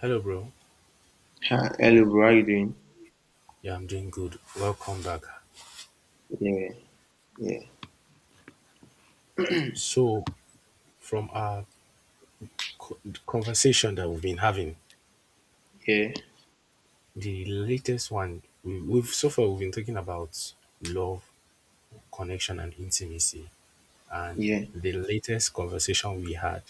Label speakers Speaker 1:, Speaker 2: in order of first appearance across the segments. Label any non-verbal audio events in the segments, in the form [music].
Speaker 1: Hello, bro.
Speaker 2: Hi, hello, bro. How you doing?
Speaker 1: Yeah, I'm doing good. Welcome back.
Speaker 2: Yeah,
Speaker 1: So, from our co- conversation that we've been having,
Speaker 2: yeah,
Speaker 1: the latest one we, we've so far we've been talking about love, connection, and intimacy. And
Speaker 2: yeah,
Speaker 1: the latest conversation we had,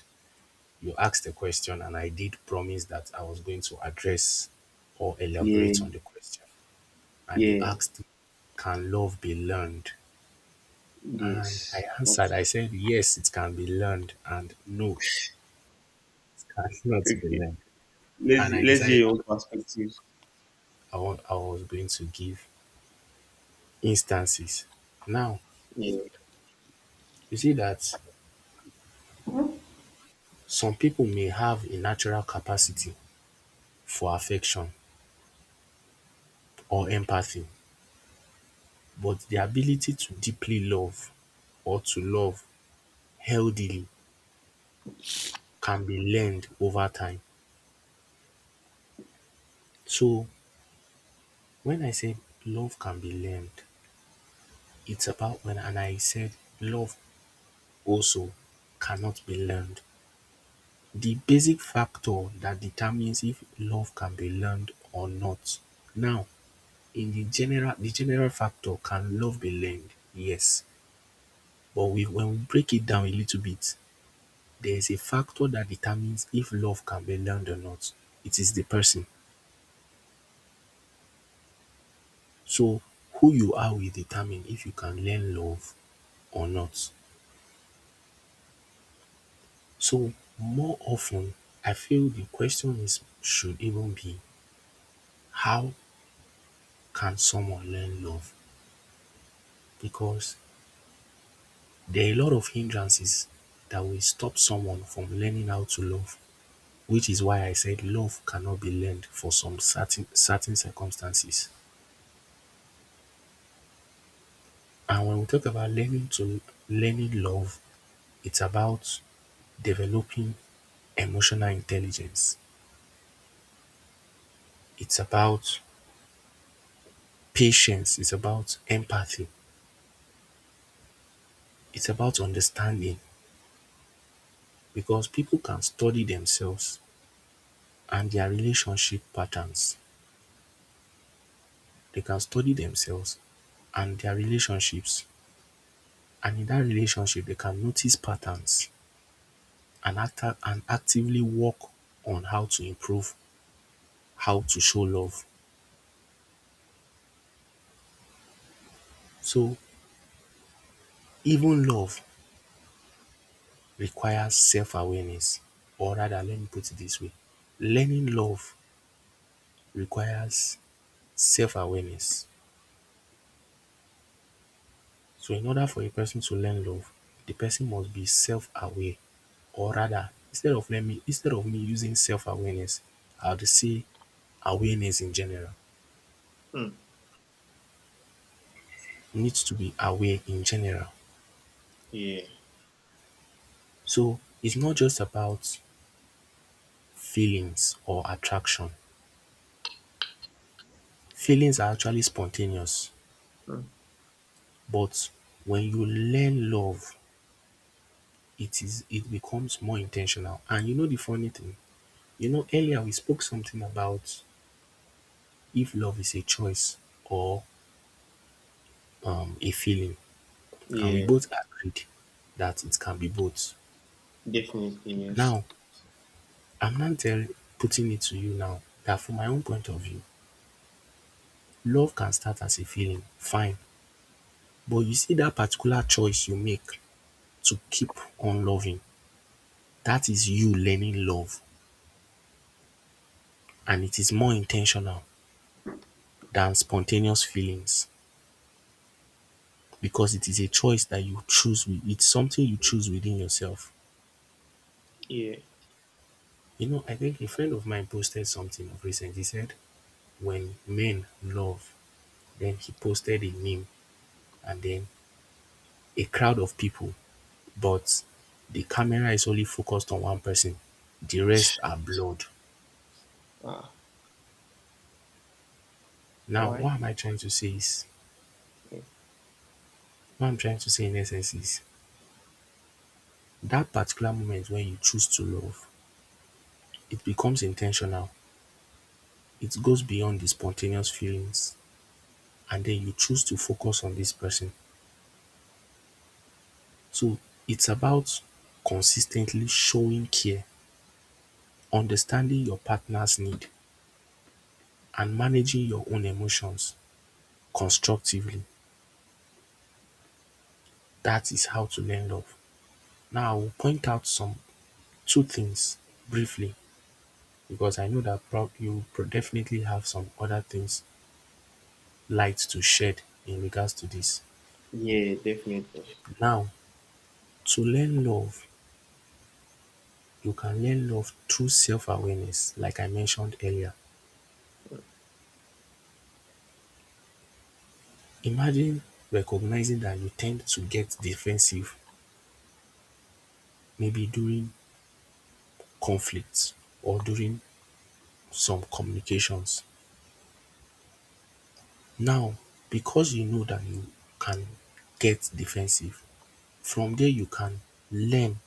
Speaker 1: you asked a question, and I did promise that I was going to address or
Speaker 2: yeah,
Speaker 1: elaborate on
Speaker 2: yeah,
Speaker 1: the question. And you
Speaker 2: yeah.
Speaker 1: asked, "Can love be learned?" And I
Speaker 2: Yes.
Speaker 1: answered.
Speaker 2: That's-
Speaker 1: I said, "Yes, it can be learned," and "No, that's not to be
Speaker 2: Okay.
Speaker 1: learned."
Speaker 2: Let's
Speaker 1: And I
Speaker 2: let's hear
Speaker 1: decided
Speaker 2: your own perspectives.
Speaker 1: I was going to give instances. Now,
Speaker 2: Yeah.
Speaker 1: you see that some people may have a natural capacity for affection or empathy, but the ability to deeply love or to love healthily can be learned over time. So, when I say love can be learned, it's about when, and I said love also cannot be learned. The basic factor that determines if love can be learned or not. Now, in the general, the general factor, can love be learned? Yes. But we when we break it down a little bit, there is a factor that determines if love can be learned or not. It is the person. So who you are will determine if you can learn love or not. So more often, I feel the question is should even be how can someone learn love, because there are a lot of hindrances that will stop someone from learning how to love, which is why I said love cannot be learned for some certain circumstances. And when we talk about learning love, it's about developing emotional intelligence. It's about patience. It's about empathy. It's about understanding, because people can study themselves and their relationship patterns. They can study themselves and their relationships, and in that relationship they can notice patterns and actively work on how to improve, how to show love. So even love requires self awareness. Or rather, let me put it this way: learning love requires self awareness. So in order for a person to learn love, the person must be self aware. Or rather, instead of me using self awareness, I will say awareness in general.
Speaker 2: Hmm.
Speaker 1: Needs to be aware in general.
Speaker 2: Yeah.
Speaker 1: So it's not just about feelings or attraction. Feelings are actually spontaneous,
Speaker 2: Hmm.
Speaker 1: but when you learn love, it becomes more intentional. And you know the funny thing, you know earlier we spoke something about if love is a choice or a feeling, and we
Speaker 2: Yeah.
Speaker 1: both agreed that it can be both.
Speaker 2: Definitely. Yes.
Speaker 1: Now, I'm not tell, putting it to you now that from my own point of view, love can start as a feeling, fine. But you see that particular choice you make to keep on loving. That is you learning love, and it is more intentional than spontaneous feelings, because it is a choice that you choose with it's something you choose within yourself.
Speaker 2: Yeah.
Speaker 1: You know, I think a friend of mine posted something of recent. He said, "When men love," then he posted a meme, and then a crowd of people, but the camera is only focused on one person. The rest are blurred.
Speaker 2: Ah.
Speaker 1: Now,
Speaker 2: Why?
Speaker 1: what I'm trying to say in essence is, that particular moment when you choose to love, it becomes intentional. It goes beyond the spontaneous feelings, and then you choose to focus on this person. So it's about consistently showing care, understanding your partner's need, and managing your own emotions constructively. That is how to learn love. Now I will point out some two things briefly, because I know that prob you pro definitely have some other things light to shed in regards to this.
Speaker 2: Yeah. Definitely.
Speaker 1: Now, to learn love, you can learn love through self-awareness like I mentioned earlier. Imagine recognizing that you tend to get defensive maybe during conflicts or during some communications. Now, because you know that you can get defensive, from there you can learn,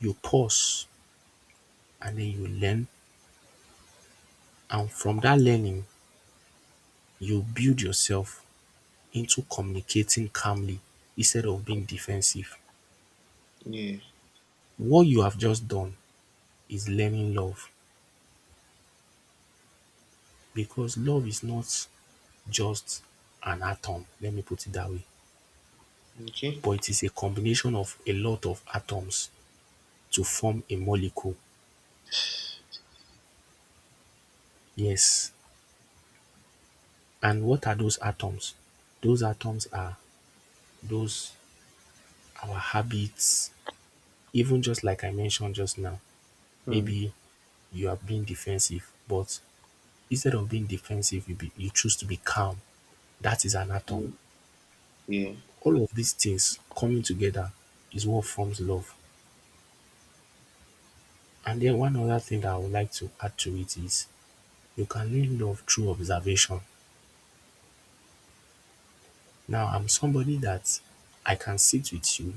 Speaker 1: you pause and then you learn, and from that learning, you build yourself into communicating calmly instead of being defensive.
Speaker 2: Yeah.
Speaker 1: What you have just done is learning love, because love is not just an atom, let me put it that way,
Speaker 2: Okay.
Speaker 1: but it is a combination of a lot of atoms to form a molecule. Yes, and what are those atoms? Those atoms are those our habits. Even just like I mentioned just now,
Speaker 2: Hmm.
Speaker 1: maybe you are being defensive, but instead of being defensive, you choose to be calm. That is an
Speaker 2: Yeah.
Speaker 1: atom.
Speaker 2: Yeah.
Speaker 1: All of these things coming together is what forms love. And then one other thing that I would like to add to it is you can learn love through observation. Now, I'm somebody that I can sit with you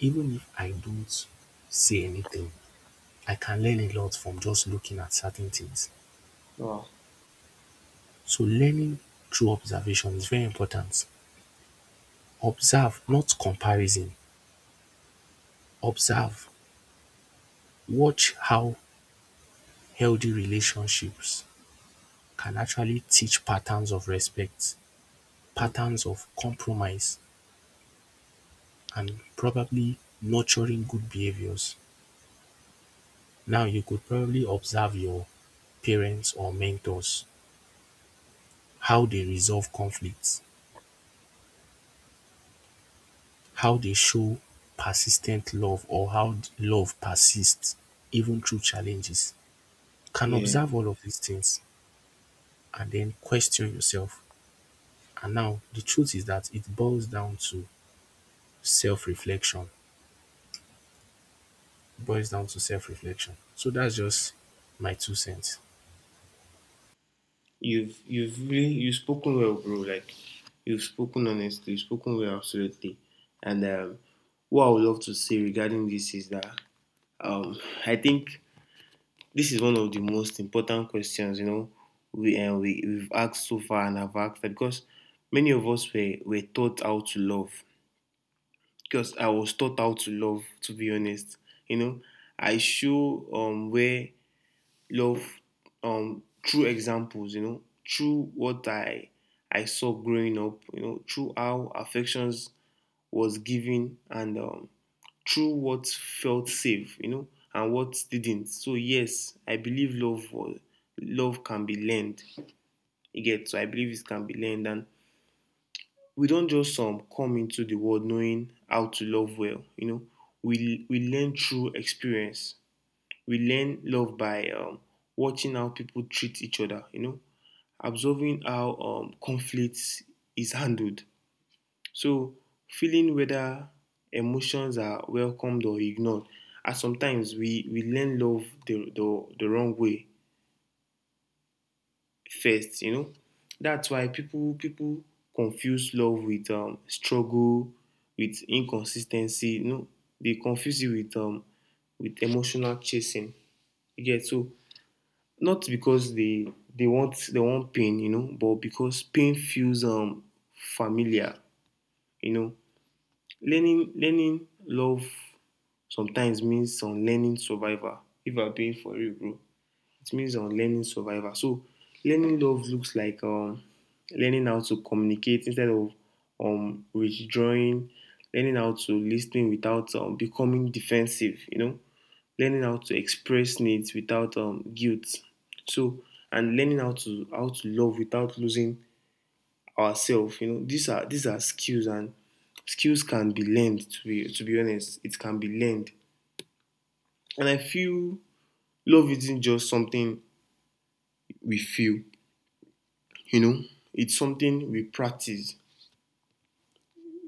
Speaker 1: even if I don't say anything. I can learn a lot from just looking at certain things.
Speaker 2: Wow.
Speaker 1: So, learning through observation is very important. Observe, not comparison. Observe. Watch how healthy relationships can actually teach patterns of respect,
Speaker 2: Hmm.
Speaker 1: patterns of compromise, and probably nurturing good behaviors. Now, you could probably observe your parents or mentors, how they resolve conflicts, how they show persistent love, or how love persists even through challenges. You can
Speaker 2: Yeah.
Speaker 1: observe all of these things and then question yourself. And now, the truth is that it boils down to self reflection. Boils down to self reflection. So that's just my two cents.
Speaker 2: You've really you've spoken well, bro. Like you've spoken honestly, you've spoken well, absolutely. And what I would love to say regarding this is that um, I think this is one of the most important questions, you know, we've asked so far, and I've asked that because many of us were taught how to love. Because I was taught how to love, to be honest. You know, I show where love through examples, you know, through what I saw growing up, you know, through how affections was given and through what felt safe, you know, and what didn't. So yes, I believe love can be learned. You get so I believe it can be learned and we don't just come into the world knowing how to love well, you know. We learn through experience. We learn love by watching how people treat each other, you know, observing how conflict is handled. So, feeling whether emotions are welcomed or ignored. And sometimes we learn love the wrong way first, you know. That's why people confuse love with struggle, with inconsistency. You know, they confuse it with emotional chasing. You get so not because they want pain, you know, but because pain feels familiar, you know. Learning love sometimes means unlearning survivor. If I'm being for real, bro, it means on learning survival. So learning love looks like learning how to communicate instead of withdrawing, learning how to listen without becoming defensive, you know, learning how to express needs without guilt. So and learning how to love without losing ourselves. You know, these are skills and skills can be learned, to be honest. It can be learned. And I feel love isn't just something we feel. You know, it's something we practice.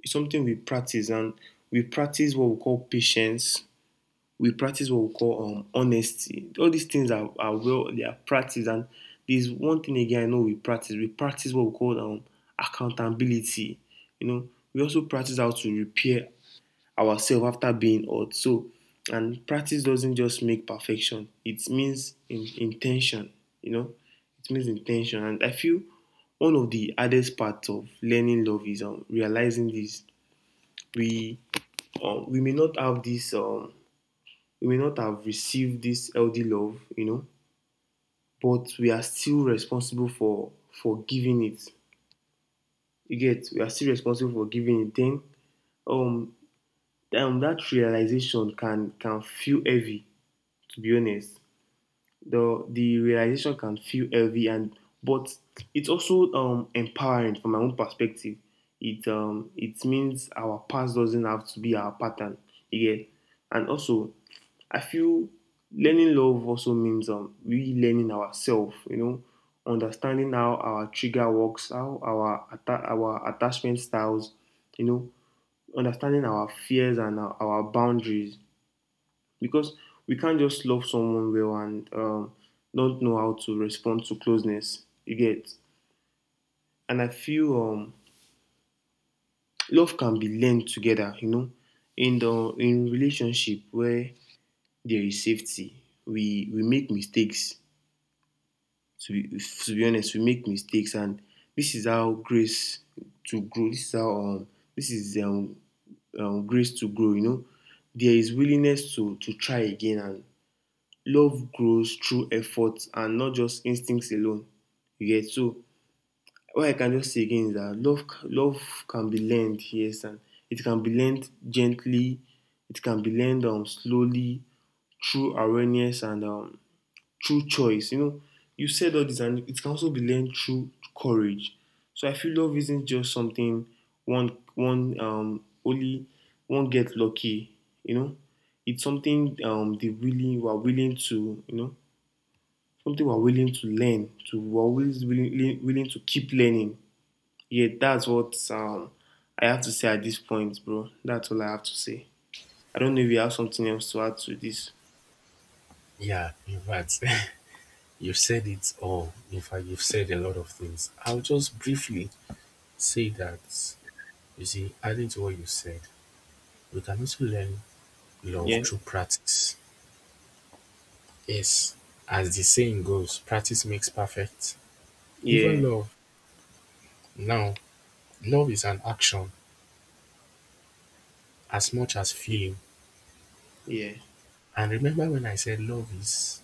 Speaker 2: It's something we practice and we practice what we call patience. We practice what we call honesty. All these things are well they are practiced. And there's one thing again, I know we practice what we call accountability. You know, we also practice how to repair ourselves after being hurt. So, and practice doesn't just make perfection. It means intention, you know, it means intention. And I feel one of the hardest parts of learning love is realizing this. We we may not have this, we may not have received this healthy love, you know, but we are still responsible for giving it. You get, we are still responsible for giving it. Then, um, that realization can feel heavy, to be honest. The realization can feel heavy, and but it's also empowering from my own perspective. It it means our past doesn't have to be our pattern again. And also I feel learning love also means we learning ourselves, you know, understanding how our trigger works, how our our attachment styles, you know, understanding our fears and our boundaries because we can't just love someone well and not know how to respond to closeness. You get, and I feel love can be learned together. You know, in the in relationship where there is safety, we make mistakes. To be honest, we make mistakes, and this is how grace to grow. This is grace to grow. You know, there is willingness to try again and love grows through effort and not just instincts alone. You get so what I can just say again is that love can be learned, yes, and it can be learned gently, it can be learned slowly, through awareness and through choice. You know, you said all this, and it can also be learned through courage. So I feel love isn't just something one one um only one get lucky. You know, it's something they really were willing to you know something we are willing to learn, to we are always willing to keep learning. Yeah, that's what I have to say at this point, bro. That's all I have to say. I don't know if you have something else to add to this.
Speaker 1: Yeah, in fact. [laughs] You've said it all. In fact, you've said a lot of things. I'll just briefly say that, you see, adding to what you said, we can also learn love
Speaker 2: Yeah,
Speaker 1: through practice. Yes, as the saying goes, practice makes perfect. Even
Speaker 2: yeah,
Speaker 1: love, now, love is an action as much as feeling.
Speaker 2: yeah.
Speaker 1: And remember when I said love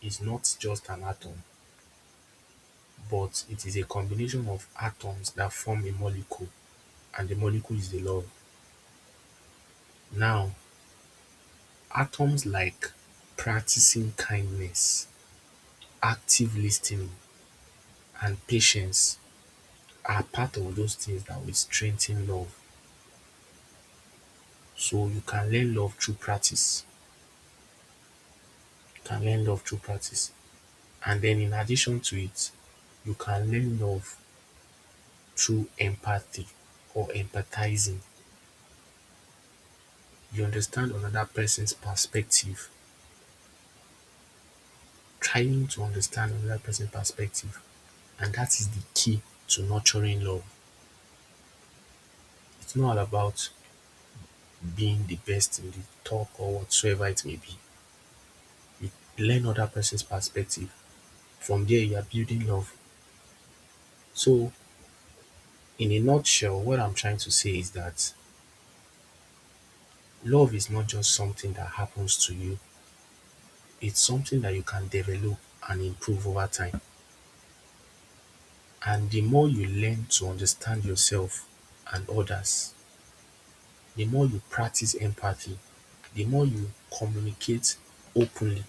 Speaker 1: is not just an atom, but it is a combination of atoms that form a molecule, and the molecule is the love. Now, atoms like practicing kindness, active listening, and patience are part of those things that will strengthen love. So you can learn love through practice. You can learn love through practice. And then in addition to it, you can learn love through empathy or empathizing. You understand another person's perspective, trying to understand another person's perspective. And that is the key to nurturing love. It's not all about being the best in the talk or whatsoever it may be. You learn other person's perspective. From there, you are building love. So, in a nutshell, what I'm trying to say is that love is not just something that happens to you, it's something that you can develop and improve over time. And the more you learn to understand yourself and others, the more you practice empathy, the more you communicate openly,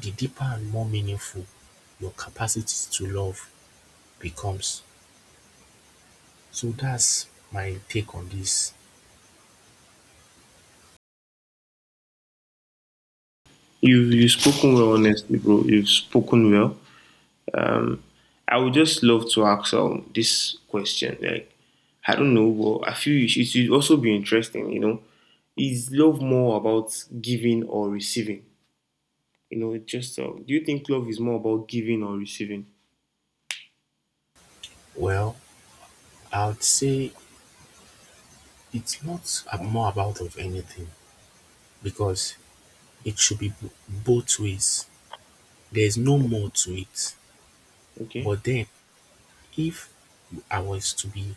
Speaker 1: the deeper and more meaningful your capacity to love becomes. So that's my take on this.
Speaker 2: You've spoken well, honestly, bro. You've spoken well. Um, I would just love to ask this question. Like, I don't know, but I feel it should also be interesting. You know, is love more about giving or receiving? You know, it's just do you think love is more about giving or receiving?
Speaker 1: Well, I would say it's not a- more about of anything, because it should be both ways. There's no more to it.
Speaker 2: Okay.
Speaker 1: But then, if I was to be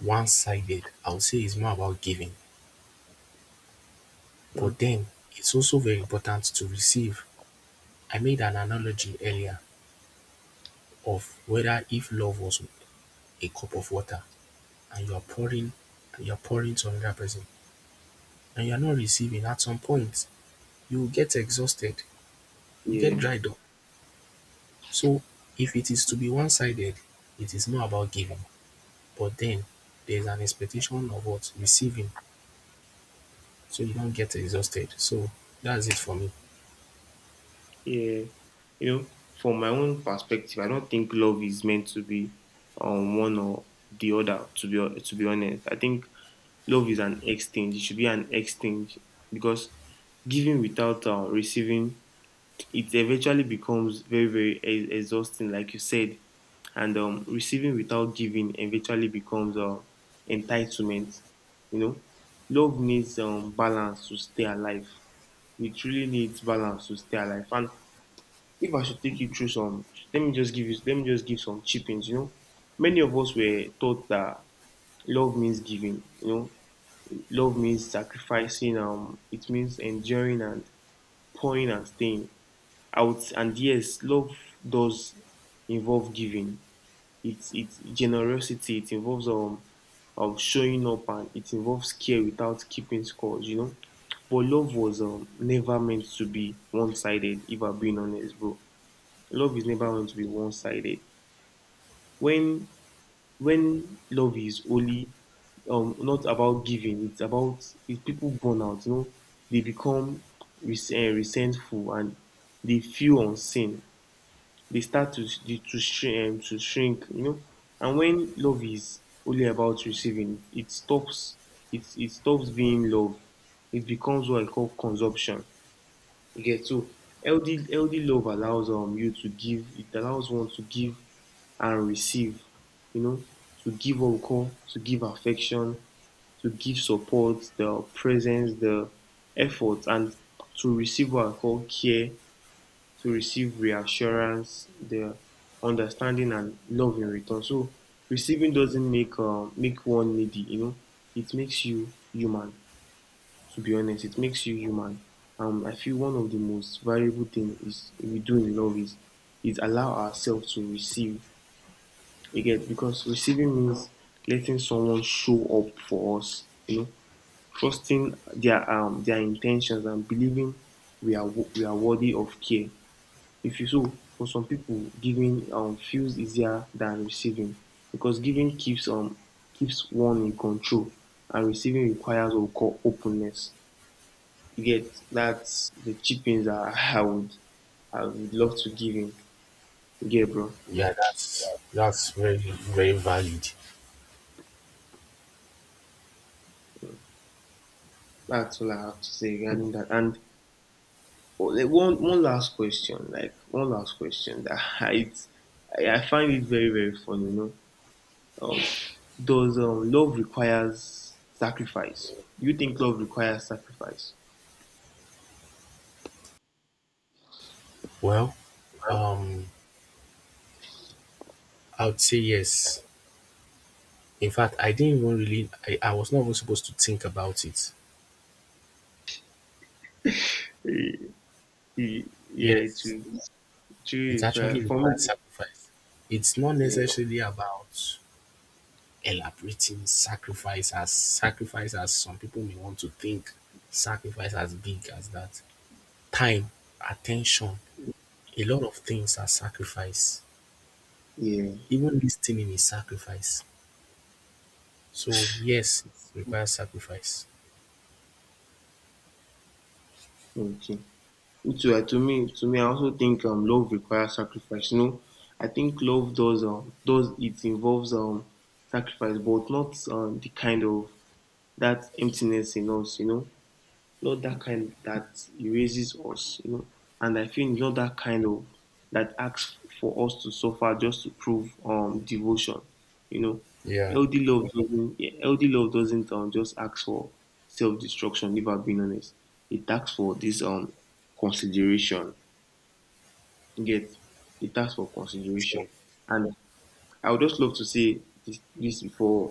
Speaker 1: one sided, I would say it's more about giving.
Speaker 2: Hmm.
Speaker 1: But then, it's also very important to receive. I made an analogy earlier of whether if love was a cup of water and you are pouring to another person and you are not receiving, at some point you will get exhausted, you get
Speaker 2: Yeah.
Speaker 1: dried up. So if it is to be one sided, it is not about giving, but then there's an expectation of what receiving, so you don't get exhausted. So that's it for me.
Speaker 2: Yeah. You know, from my own perspective, I don't think love is meant to be one or the other. To be honest, I think love is an exchange. It should be an exchange because giving without receiving, it eventually becomes very exhausting like you said, and receiving without giving eventually becomes entitlement. You know, love needs balance to stay alive. It really needs balance to stay alive. And if I should take you through some, let me just give some chippings. You know, many of us were taught that love means giving. You know, love means sacrificing, it means enduring and pouring and staying out. And yes, love does involve giving. It's generosity. It involves showing up, and it involves care without keeping scores. You know, but love was never meant to be one-sided, if I'm being honest, bro. Love is never meant to be one-sided. when when love is only not about giving it's about it, people burn out. You know, they become resentful and they feel unseen. They start to dey to shrink, to shrink, you know. And when love is only about receiving, it stops. It stops being love. It becomes what I call consumption. You get so healthy love allows you to give, it allows one to give and receive, you know. To give what we call to give affection, to give support, the presence, the effort. And to receive what I call care, to receive reassurance, the understanding, and love in return. So receiving doesn't make one needy, you know. It makes you human. To be honest, it makes you human. I feel one of the most valuable thing is we do in love is allow ourselves to receive again because receiving means letting someone show up for us, you know, trusting their intentions and believing we are we are worthy of care. If you so, for some people giving feels easier than receiving because giving keeps keeps one in control, and receiving requires what we call openness. You get, that's the cheap things I, [laughs] I would love to give in. You get, bro.
Speaker 1: Yeah, that's very very valid.
Speaker 2: That's all I have to say regarding that. And oh, like, one last question, like one last question that [laughs] it's I find it very funny, you know. um, does love requires sacrifice? You think love requires sacrifice?
Speaker 1: Well, um, I would say yes. In fact, I didn't even really, I was not even supposed to think about it.
Speaker 2: Eh, eh, Yeah,
Speaker 1: Yes,
Speaker 2: it will
Speaker 1: it
Speaker 2: require
Speaker 1: actually
Speaker 2: for
Speaker 1: requires
Speaker 2: me.
Speaker 1: sacrifice. It's not
Speaker 2: Yeah,
Speaker 1: necessarily about elaborating sacrifice as sacrifice, as some people may want to think, sacrifice as big as that. Time, attention, a lot of things are sacrifice.
Speaker 2: yeah,
Speaker 1: Even listening is sacrifice. So yes, it requires sacrifice.
Speaker 2: okay. Me too. To me, I also think love requires sacrifice. You know, I think love does it involves sacrifice, but not the kind of that emptiness in us. You know, not that kind that erases us, you know. And I feel it's not that kind of that asks for us to suffer just to prove devotion, you know.
Speaker 1: Yeah,
Speaker 2: Healthy love doesn't yeah, healthy love doesn't just ask for self destruction. If I've been honest, it asks for this consideration. You get, it asks for
Speaker 1: sure.
Speaker 2: consideration, and I would just love to say this, before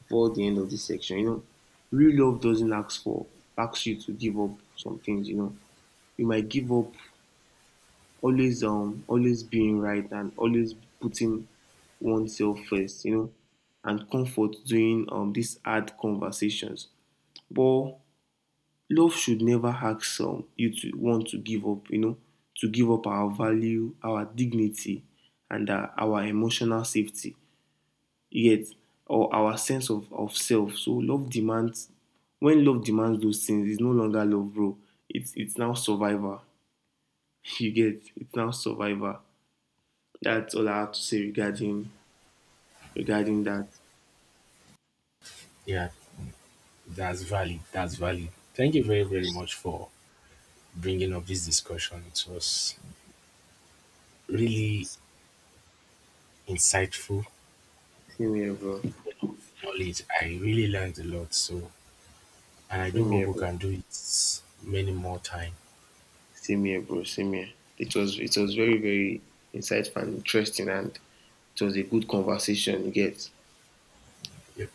Speaker 2: the end of this section. You know, real love doesn't asks you to give up some things. You know, you might give up always always being right and always putting oneself first, you know, and comfort doing these hard conversations. But love should never ask you to want to give up, you know, to give up our value, our dignity, and our emotional safety. Yet, or our sense of self. So love demands when love demands those things, it's no longer love, bro. It's now survivor. [laughs] You get, it's now survivor. That's all I have to say regarding that.
Speaker 1: Yeah, that's valid. That's valid. Thank you very, very much for bringing up this discussion. It was really insightful
Speaker 2: Same here, bro.
Speaker 1: knowledge. I really learned a lot. So, and I do
Speaker 2: Same
Speaker 1: hope
Speaker 2: here,
Speaker 1: we
Speaker 2: bro.
Speaker 1: can do it many more times.
Speaker 2: Same here, bro. Same here. It was very insightful and interesting, and it was a good conversation. You get.
Speaker 1: Yeah.